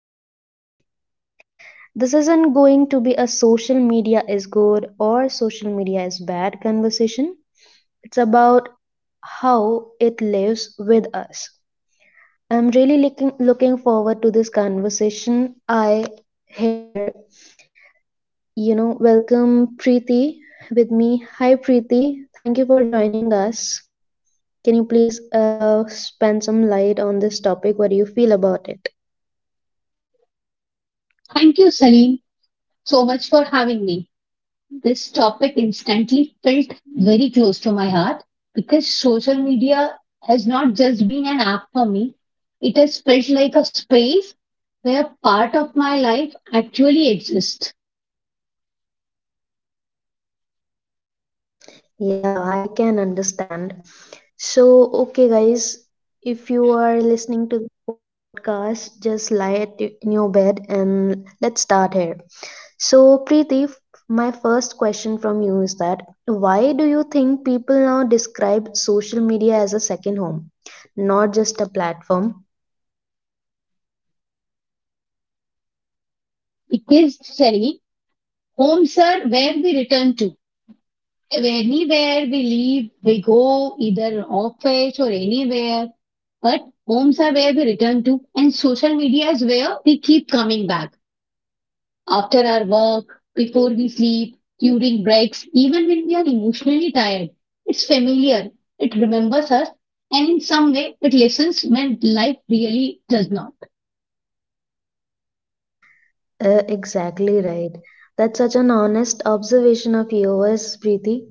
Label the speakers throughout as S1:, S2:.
S1: feel lost too. This isn't going to be a social media is good or social media is bad conversation. It's about how it lives with us. I'm really looking forward to this conversation. I here, welcome Preeti with me. Hi Preeti, thank you for joining us. Can you please spend some light on this topic? What do you feel about it?
S2: Thank you, Salim, so much for having me. This topic instantly felt very close to my heart because social media has not just been an app for me, it has felt like a space where part of my life actually exists.
S1: Yeah, I can understand. So, okay, guys, if you are listening to the podcast, just lie at in your bed and let's start here. So, Preeti, my first question from you is that why do you think people now describe social media as a second home, not just a platform?
S2: Because, Salim, homes are where we return to. Anywhere we leave, we go, either office or anywhere. But homes are where we return to, and social media is where we keep coming back. After our work, before we sleep, during breaks, even when we are emotionally tired, it's familiar, it remembers us, and in some way it listens when life really does not.
S1: Exactly right. That's such an honest observation of yours, Preeti.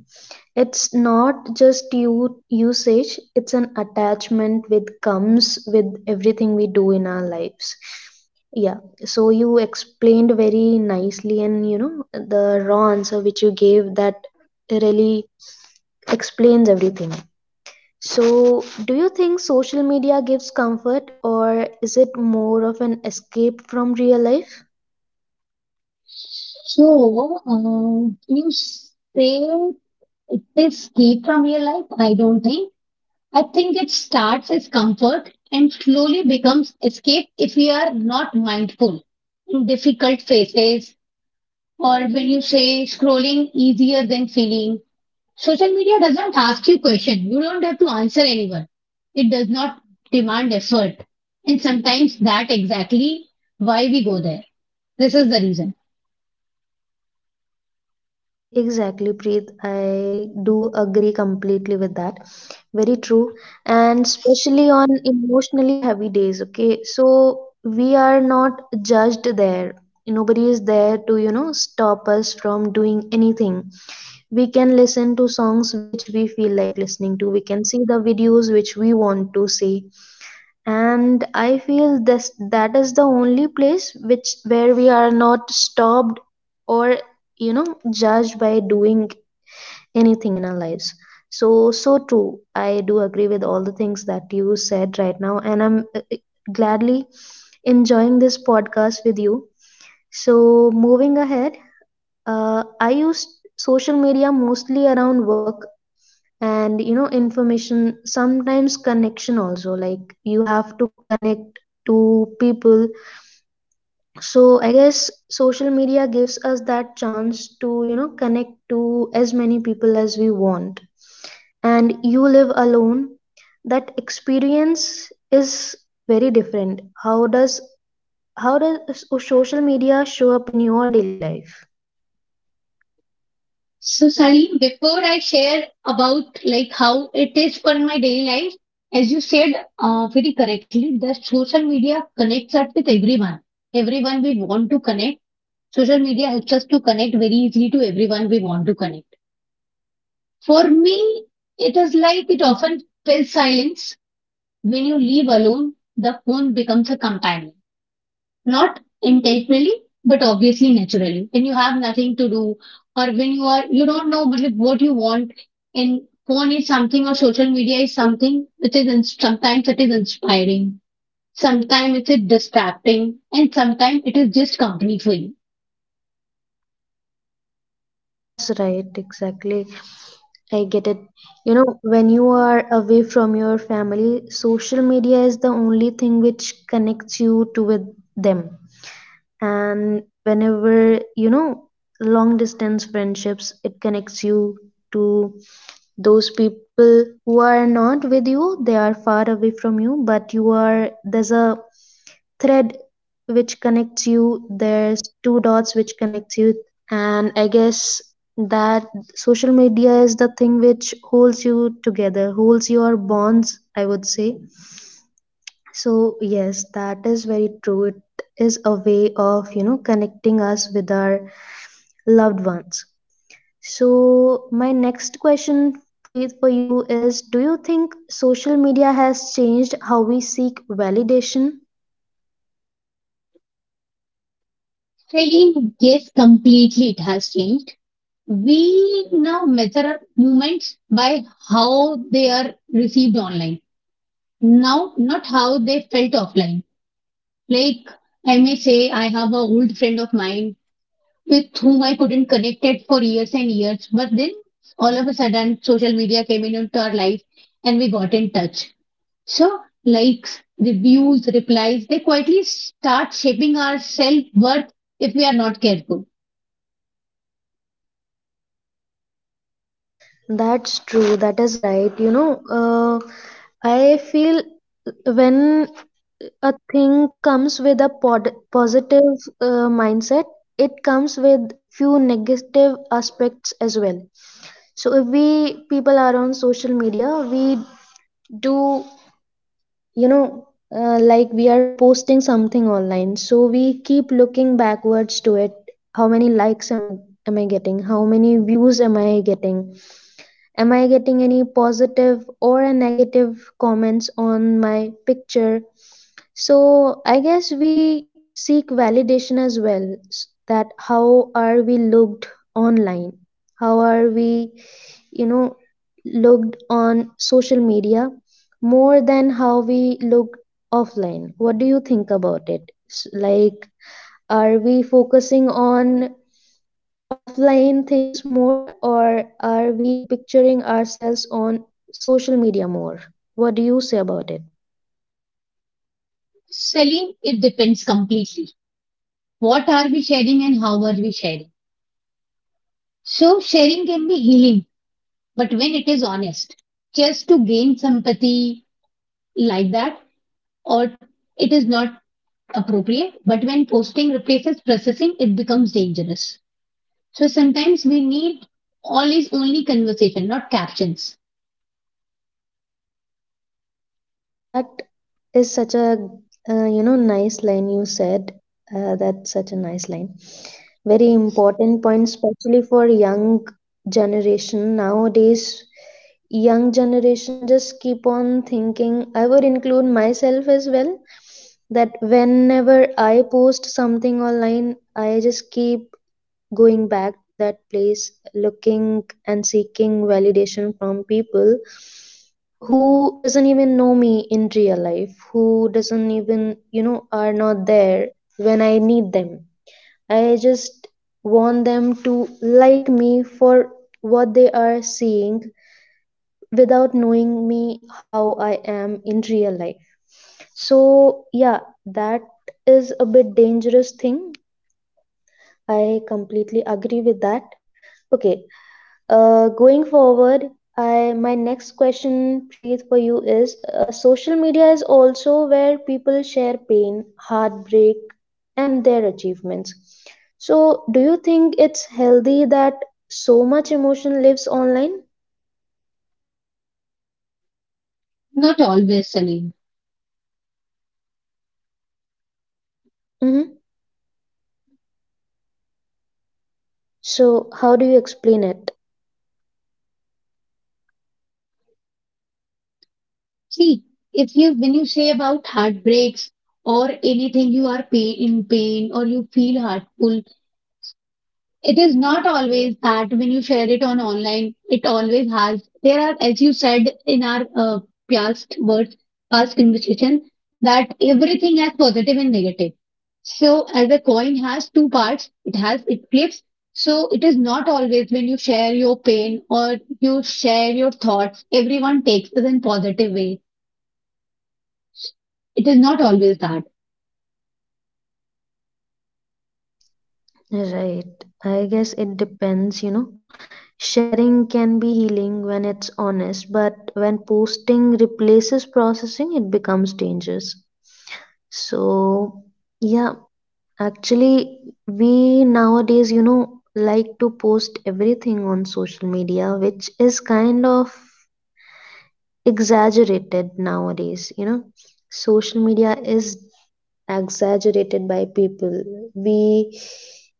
S1: It's not just you usage, it's an attachment with comes with everything we do in our lives. Yeah, so you explained very nicely, and you know, the raw answer which you gave that really explains everything. So, do you think social media gives comfort, or is it more of an escape from real life?
S2: You say it is key from your life? I don't think. I think it starts as comfort and slowly becomes escape if we are not mindful in difficult phases or when you say scrolling easier than feeling. Social media doesn't ask you questions. You don't have to answer anyone. It does not demand effort. And sometimes that exactly why we go there. This is the reason.
S1: Exactly, Preet. I do agree completely with that. Very true. And especially on emotionally heavy days, okay? So we are not judged there. Nobody is there to, you know, stop us from doing anything. We can listen to songs which we feel like listening to. We can see the videos which we want to see. And I feel this that is the only place which where we are not stopped or, you know, judged by doing anything in our lives. So so true, I do agree with all the things that you said right now, and I'm gladly enjoying this podcast with you. So moving ahead, I use social media mostly around work, and you know, information, sometimes connection also, like you have to connect to people. So I guess social media gives us that chance to, you know, connect to as many people as we want. And you live alone, that experience is very different. How does social media show up in your daily life?
S2: So Salim, before I share about like how it is for my daily life, as you said very correctly, that social media connects us with everyone. Everyone we want to connect. Social media helps us to connect very easily to everyone we want to connect. For me, it is like it often fills silence. When you leave alone, the phone becomes a companion, not intentionally, but obviously naturally. When you have nothing to do, or when you are, you don't know मतलब what you want, and phone is something, or social media is something which is in, sometimes it is inspiring, sometimes it is distracting, and sometimes it is just company for you.
S1: Mm, that's right, exactly. I get it. You know, when you are away from your family, social media is the only thing which connects you to with them. And whenever, you know, long distance friendships, it connects you to those people who are not with you, they are far away from you, but you are, there's a thread which connects you, there's two dots which connects you. And I guess that social media is the thing which holds you together, holds your bonds, I would say. So yes, that is very true, it is a way of, you know, connecting us with our loved ones. So, my next question, Preet, for you is, do you think social media has changed how we seek validation?
S2: Really, yes, completely it has changed. We now measure our movements by how they are received online. Now, not how they felt offline. Like, I may say I have a old friend of mine with whom I couldn't connect it for years and years, but then all of a sudden social media came in into our life and we got in touch. So, likes, reviews, replies, they quietly start shaping our self worth if we are not careful.
S1: That's true, that is right. You know, I feel when a thing comes with a positive mindset, it comes with few negative aspects as well. So if we people are on social media, we do, you know, like we are posting something online, so we keep looking backwards to it. How many likes am I, am I getting? How many views am I getting? Am I getting any positive or a negative comments on my picture? So I guess we seek validation as well. That how are we looked online? How are we, you know, looked on social media more than how we look offline? What do you think about it? Like, are we focusing on offline things more, or are we picturing ourselves on social media more? What do you say about it?
S2: Selling, it depends completely. What are we sharing and how are we sharing? So, sharing can be healing. But when it is honest, just to gain sympathy like that, or it is not appropriate. But when posting replaces processing, it becomes dangerous. So sometimes we need always only conversation, not captions.
S1: Mm, that is such a you know, nice line you said. That's such a nice line, very important point, especially for young generation nowadays. Young generation just keep on thinking, I would include myself as well, that whenever I post something online, I just keep going back to that place, looking and seeking validation from people who doesn't even know me in real life, who doesn't even, you know, are not there when I need them. I just want them to like me for what they are seeing without knowing me how I am in real life. So, yeah, that is a bit dangerous thing. I completely agree with that. Okay, going forward, I my next question, Preet, for you is: social media is also where people share pain, heartbreak, and their achievements. So, do you think it's healthy that so much emotion lives online?
S2: Not always, Salim.
S1: Hmm. So, how do you explain it?
S2: See, if you when you say about heartbreaks or anything, you are pain in pain or you feel hurtful. It is not always that when you share it on online, it always has. There are, as you said in our past words, past conversation, that everything has positive and negative. So, as a coin has two parts, it has it flips. So, it is not always when you share your pain or you share your thoughts, everyone takes it in positive way. It is not always that.
S1: Right. I guess it depends, you know. Sharing can be healing when it's honest, but when posting replaces processing, it becomes dangerous. So, yeah, actually, we nowadays, you know, like to post everything on social media, which is kind of exaggerated nowadays. You know, social media is exaggerated by people. We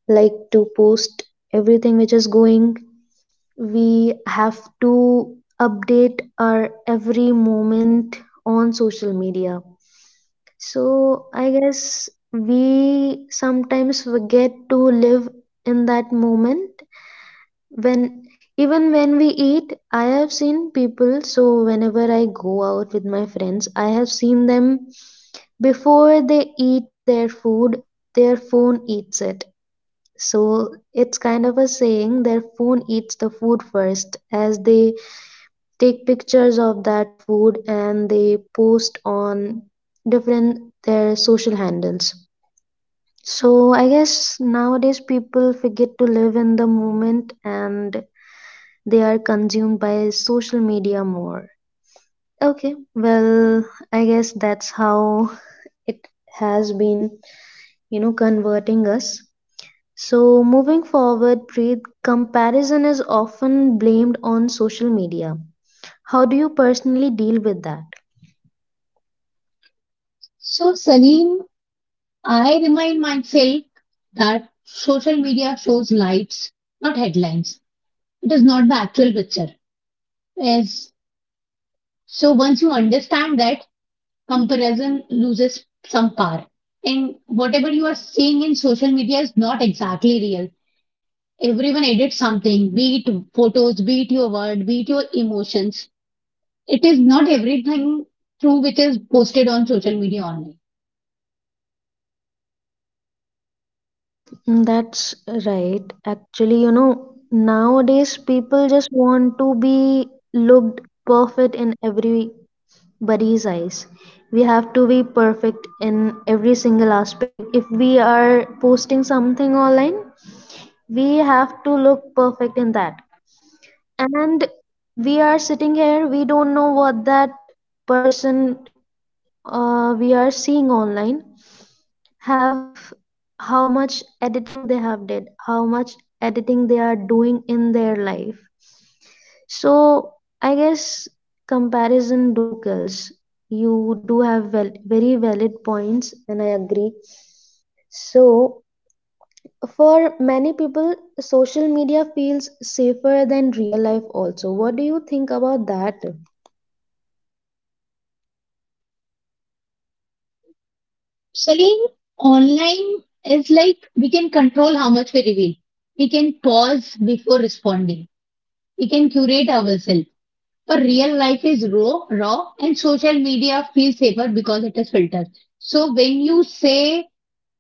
S1: like to post everything which is going, we have to update our every moment on social media. So I guess we sometimes forget to live in that moment when, even when we eat, I have seen people, so whenever I go out with my friends, I have seen them before they eat their food, their phone eats it. So it's kind of a saying, their phone eats the food first, as they take pictures of that food and they post on different their social handles. So I guess nowadays people forget to live in the moment and they are consumed by social media more. Okay, well, I guess that's how it has been, you know, converting us. So, moving forward, Preet, comparison is often blamed on social media. How do you personally deal with that?
S2: So, Salim, I remind myself that social media shows lights, not headlines. It is not the actual picture. As so once you understand that, comparison loses some power. And whatever you are seeing in social media is not exactly real. Everyone edits something, be it photos, be it your word, be it your emotions. It is not everything true which is posted on social media only.
S1: Mm, that's right. Actually, you know, nowadays people just want to be looked perfect in every Buddy's eyes. We have to be perfect in every single aspect. If we are posting something online, we have to look perfect in that. And we are sitting here, we don't know what that person we are seeing online have, how much editing they have did, how much editing they are doing in their life. So I guess comparison do kills. You do have very valid points, and I agree. So for many people, social media feels safer than real life. Also, what do you think about that?
S2: Salim, online is like we can control how much we reveal. We can pause before responding. We can curate ourselves. But real life is raw, and social media feels safer because it is filtered. So when you say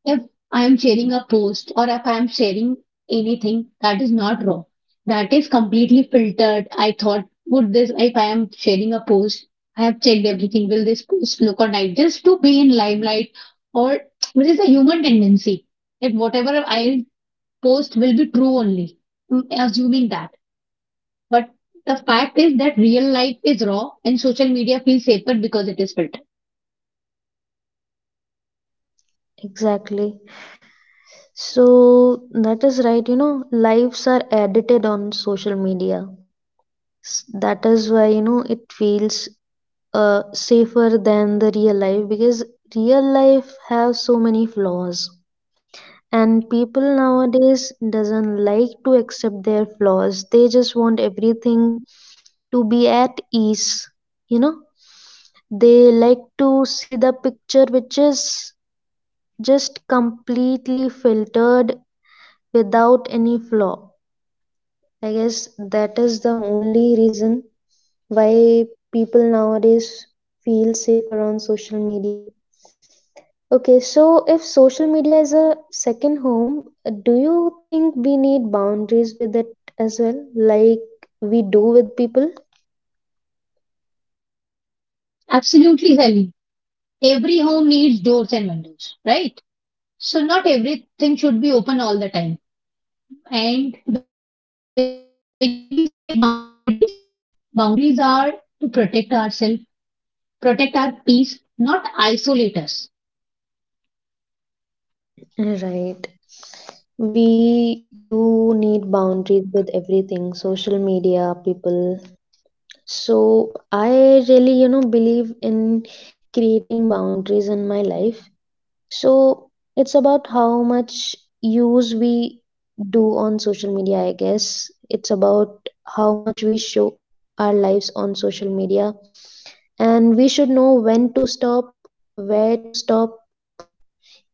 S2: if I am sharing a post or if I am sharing anything that is not raw, that is completely filtered. I thought, would this, if I am sharing a post, I have checked everything, will this post look or nice? Just to be in limelight, or which is a human tendency that whatever I post will be true only, mm, assuming that. But the fact is that real life is raw and social media feels safer because it is filtered.
S1: Exactly. So that is right. You know, lives are edited on social media. That is why, you know, it feels safer than the real life, because real life has so many flaws, and people nowadays doesn't like to accept their flaws, they just want everything to be at ease, you know, they like to see the picture which is just completely filtered without any flaw. I guess that is the only reason why people nowadays feel safer on social media. Okay, so if social media is a second home, do you think we need boundaries with it as well, like we do with people?
S2: Absolutely, Sally. Every home needs doors and windows, right? So not everything should be open all the time. And when we say boundaries, boundaries are to protect ourselves, protect our peace, not isolate us.
S1: Right. We do need boundaries with everything, social media, people. So I really, you know, believe in creating boundaries in my life. So it's about how much use we do on social media, I guess. It's about how much we show our lives on social media. And we should know when to stop, where to stop,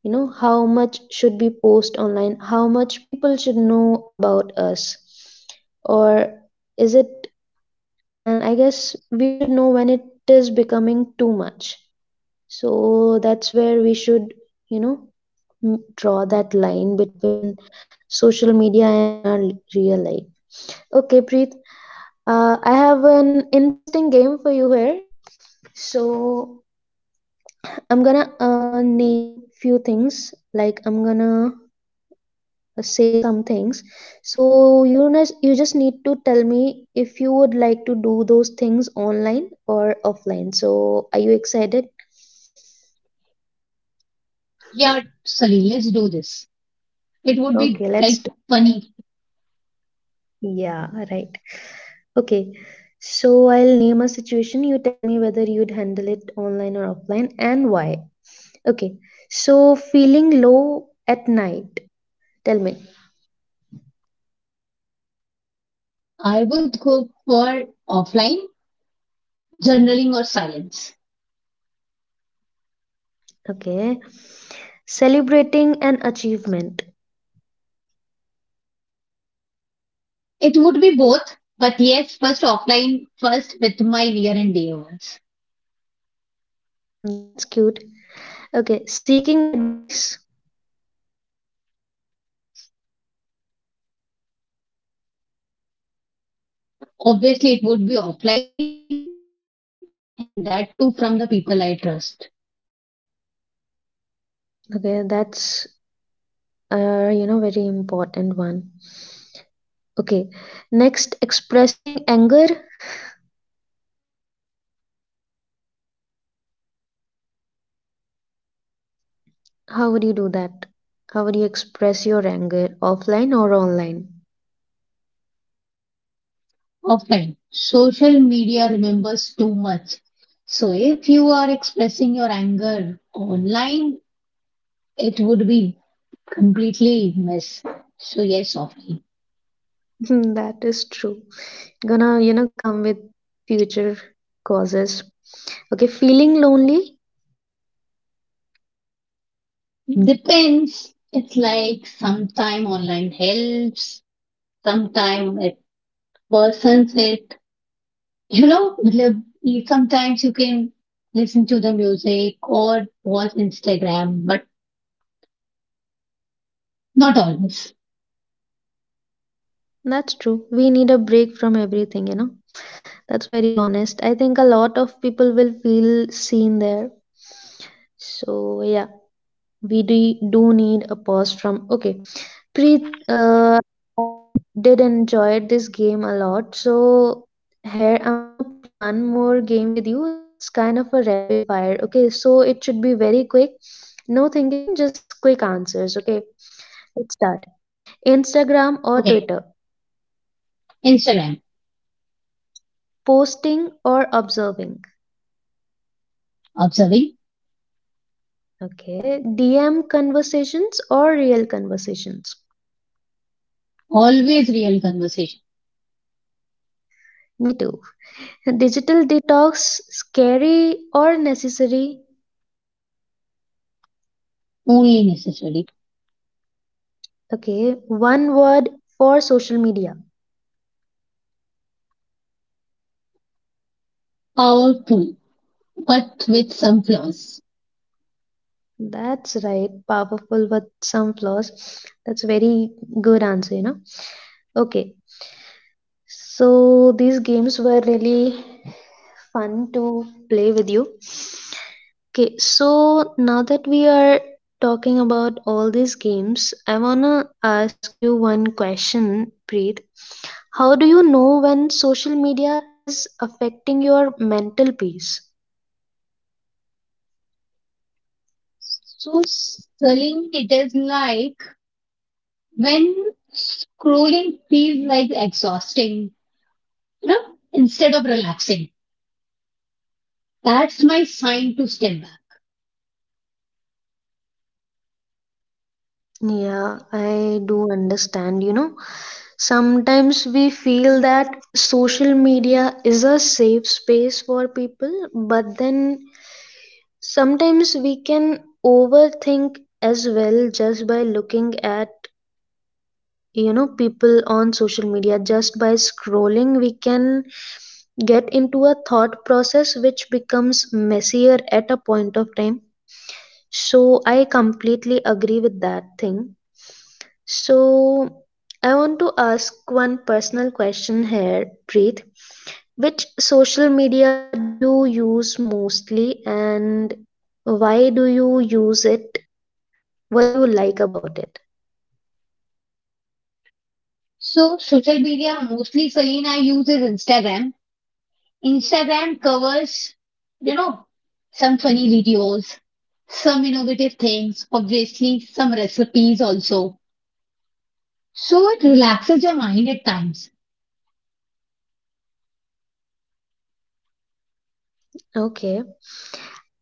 S1: you know, how much should be post online, how much people should know about us. Or is it, and I guess we should know when it is becoming too much. So that's where we should, you know, mm, draw that line between social media and in our real life. Okay, Preet, I have an interesting game for you here. So I'm gonna name few things. Like I'm gonna say some things. So you know, you just need to tell me if you would like to do those things online or offline. So are you excited?
S2: Yeah, sorry, let's do this. It would
S1: Okay,
S2: be
S1: let's
S2: like
S1: do.
S2: funny.
S1: Yeah, right. Okay, so I'll name a situation. You tell me whether you'd handle it online or offline and why. Okay, so feeling low at night. Tell me.
S2: I would go for offline, journaling or silence.
S1: Okay, celebrating an achievement.
S2: It would be both, but yes, first offline, first with my near and dear ones.
S1: That's cute. Okay, seeking advice.
S2: Obviously, it would be offline and that too from the people I trust.
S1: Okay, that's you know, very important one. Okay, next, expressing anger. How would you do that? How would you express your anger offline or online?
S2: Often, social media remembers too much. So, if you are expressing your anger online, it would be completely miss. So, yes, often.
S1: that is true. Gonna, you know, come with future causes. Okay, feeling lonely.
S2: Depends. It's like sometime online helps, sometime it worsens it. You know, sometimes you can listen to the music or watch Instagram, but not always.
S1: That's true, we need a break from everything, you know. That's very honest, I think a lot of people will feel seen there. So yeah, we do need a pause from. Okay Preet, I did enjoy this game a lot. So here I'm gonna play one more game with you. It's kind of a rapid fire. Okay, so it should be very quick, no thinking, just quick answers, okay? Let's start. Instagram or
S2: Okay,
S1: Twitter?
S2: Instagram.
S1: Posting or observing?
S2: Observing.
S1: Okay. DM conversations or real conversations?
S2: Always real conversation.
S1: Me too. Digital detox, scary or necessary?
S2: Only necessary.
S1: Okay. One word for social media.
S2: Powerful, but with some flaws.
S1: That's right. Powerful with some flaws. That's very good answer, you know. Okay. So these games were really fun to play with you. Okay, so now that we are talking about all these games, I wanna ask you one question, Preet. How do you know when social media is affecting your mental peace?
S2: So, Celine, it is like when scrolling feels like exhausting, you know, instead of relaxing. That's my sign to step back.
S1: Yeah, I do understand, you know. Sometimes we feel that social media is a safe space for people, but then sometimes we can overthink as well, just by looking at, you know, people on social media, just by scrolling we can get into a thought process which becomes messier at a point of time. So I completely agree with that thing. So I want to ask one personal question here, Preet. Which social media do you use mostly, and why do you use it? What do you like about it?
S2: So, social media mostly Celine I use is Instagram. Instagram covers, you know, some funny videos, some innovative things, obviously, some recipes also. So, it relaxes your mind at times.
S1: Okay.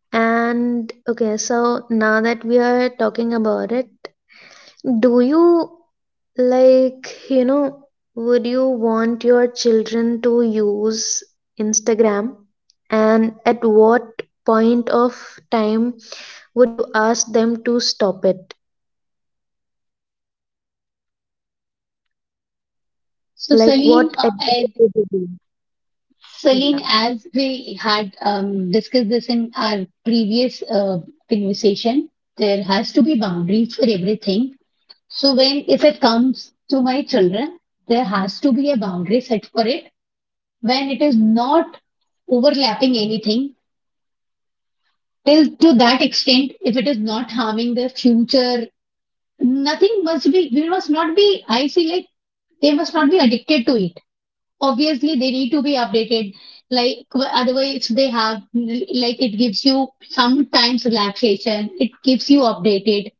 S1: And okay, so now that we are talking about it, do you, like, you know, would you want your children to use Instagram? And at what point of time would you ask them to stop it?
S2: So
S1: Like,
S2: Celine,
S1: what
S2: I-
S1: advice would you give? Yeah,
S2: Celine, as we had discussed this in our previous conversation, there has to be boundaries for everything. So when if it comes to my children, there has to be a boundary set for it. When it is not overlapping anything, till to that extent, if it is not harming their future, nothing must be. We must not be. I feel like they must not be addicted to it. Obviously they need to be updated, like otherwise they have like it gives you sometimes relaxation, it keeps you updated,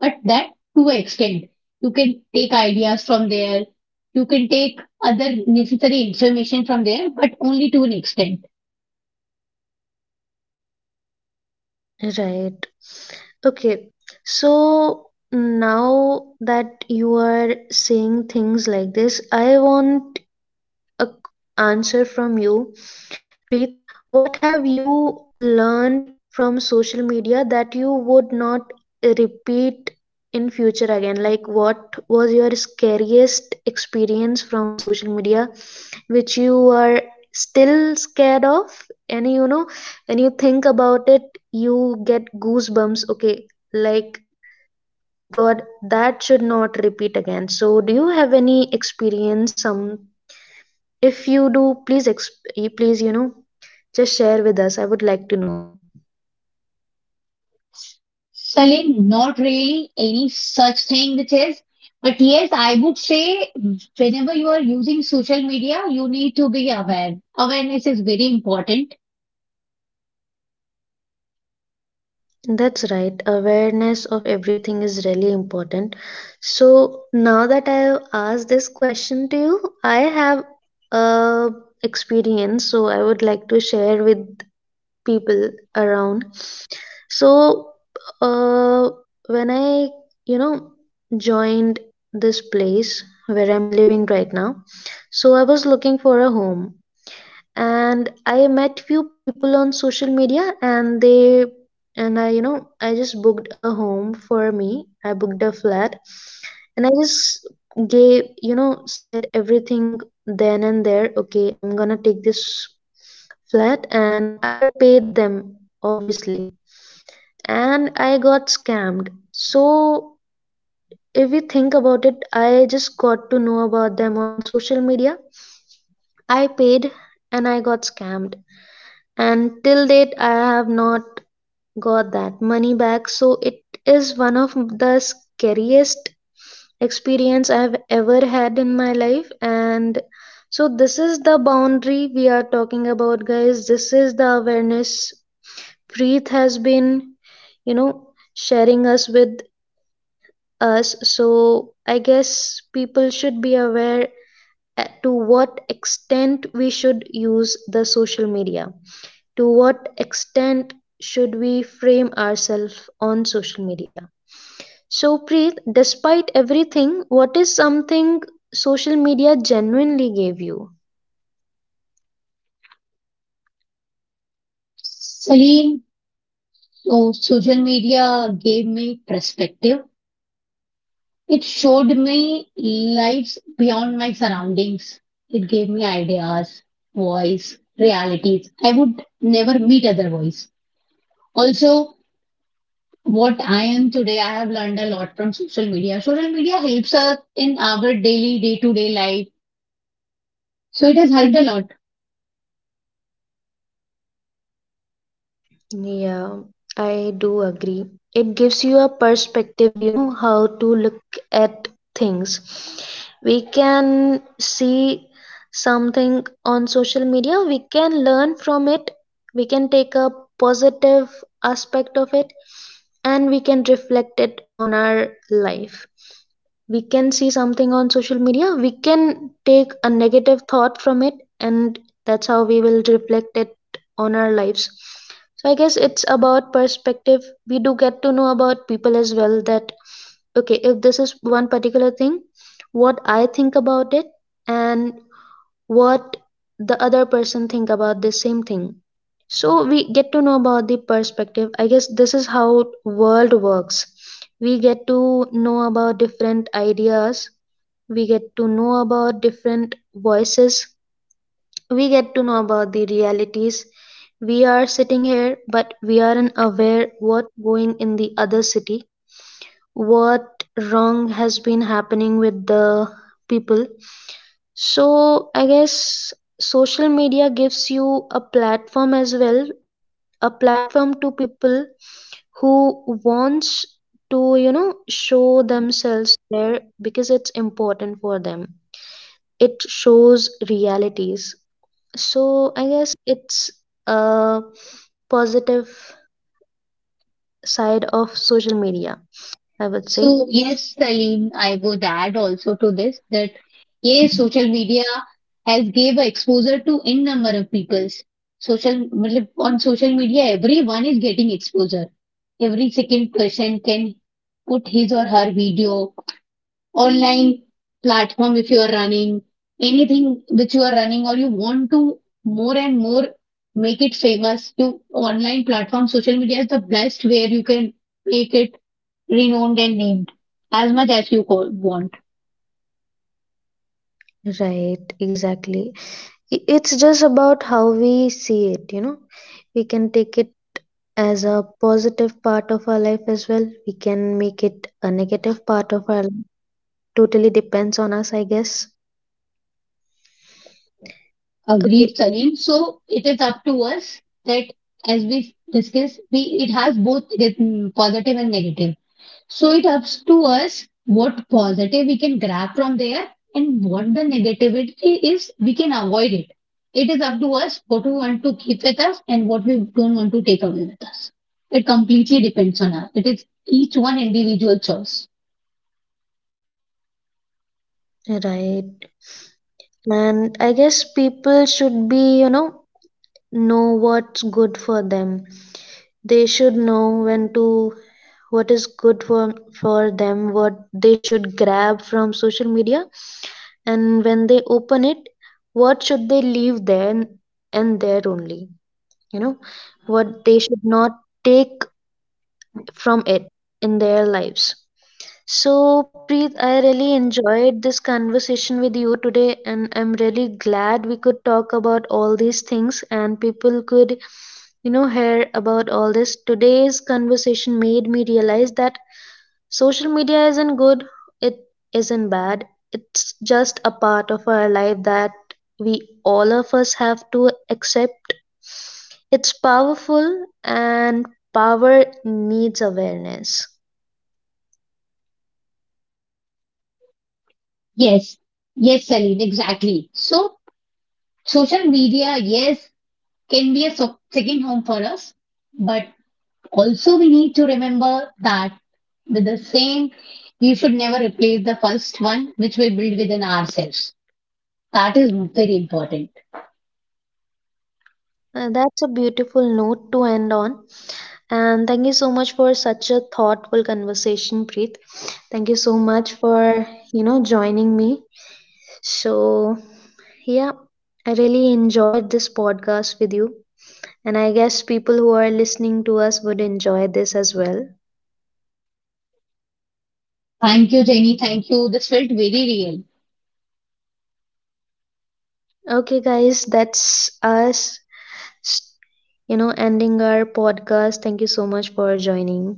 S2: but that to an extent you can take ideas from there, you can take other necessary information from there, but only to an extent.
S1: right. Okay, so now that you are saying things like this, I want a answer from you. Preet, what have you learned from social media that you would not repeat in future again? Like, what was your scariest experience from social media which you are still scared of? And you know, when you think about it, you get goosebumps. Okay, like, God, that should not repeat again. So, do you have any experience? Some, if you do, please please, you know, just share with us. I would like to know.
S2: Salim, not really any such thing which is, but yes, I would say whenever you are using social media, you need to be aware. Awareness is very important.
S1: That's right. Awareness of everything is really important. So now that I have asked this question to you, I have a experience. So I would like to share with people around. So uh, when I, you know, joined this place where I'm living right now, so I was looking for a home and I met few people on social media, and they, and I, you know, I just booked a home for me. I booked a flat and I just gave, you know, said everything then and there, okay, I'm gonna take this flat. And I paid them, obviously, and I got scammed. So if we think about it, I just got to know about them on social media. I paid and I got scammed, and till date I have not got that money back. So it is one of the scariest experience I have ever had in my life. And so this is the boundary we are talking about, guys. This is the awareness Preet has been, you know, sharing us with us. So I guess people should be aware at to what extent we should use the social media, to what extent should we frame ourselves on social media? So, Preet, despite everything, what is something social media genuinely gave you?
S2: Salim, so social media gave me perspective. It showed me lives beyond my surroundings. It gave me ideas, voice, realities. I would never meet otherwise. Also, what I am today, I have learned a lot from social media. Social media helps us in our daily, day to day life. So it has helped a lot.
S1: Yeah, I do agree. It gives you a perspective, you know, how to look at things. We can see something on social media, we can learn from it, we can take a positive aspect of it, and we can reflect it on our life. We can see something on social media, we can take a negative thought from it, and that's how we will reflect it on our lives. So I guess it's about perspective. We do get to know about people as well, that okay, if this is one particular thing, what I think about it, and what the other person think about the same thing. So we get to know about the perspective. I guess this is how world works. We get to know about different ideas, we get to know about different voices, we get to know about the realities. We are sitting here but we aren't aware what going in the other city, what wrong has been happening with the people. So I guess social media gives you a platform as well, a platform to people who wants to, you know, show themselves there because it's important for them. It shows realities. So I guess it's a positive side of social media, I would say.
S2: So, yes, Salim, I would add also to this that yes, social media has gave a exposure to n number of peoples. Social मतलब on social media, everyone is getting exposure. Every second person can put his or her video online platform if you are running anything which you are running or you want to more and more make it famous. You online platform, social media is the best where you can make it renowned and named as much as you want.
S1: Right, exactly. I- it's just about how we see it, you know. We can take it as a positive part of our life as well. We can make it a negative part of our life. Totally depends on us, I guess. Okay,
S2: Agreed, Salim. So it is up to us that as we discuss, we it has both positive and negative. So it up to us what positive we can grab from there and what the negativity is we can avoid it. It is up to us what we want to keep with us and what we don't want to take away with us. It completely depends on us. It is each one individual choice.
S1: right. And I guess people should be, you know what's good for them. They should know when to, what is good for them, what they should grab from social media, and when they open it, what should they leave there, and there only. You know, what they should not take from it in their lives. So, Preet, I really enjoyed this conversation with you today, and I'm really glad we could talk about all these things and people could, you know, hear about all this. Today's conversation made me realize that social media isn't good, it isn't bad, it's just a part of our life that we all of us have to accept. It's powerful, and power needs awareness.
S2: Yes, yes, Celine, exactly. So social media, yes, can be a second home for us, but also we need to remember that with the same, we should never replace the first one which we build within ourselves. That is very important.
S1: That's a beautiful note to end on. And thank you so much for such a thoughtful conversation, Preet. Thank you so much for, you know, joining me. So, yeah, I really enjoyed this podcast with you. And I guess people who are listening to us would enjoy this as well.
S2: Thank you, Jenny. Thank you. This felt very real.
S1: Okay, guys, that's us, s- you know, ending our podcast. Thank you so much for joining.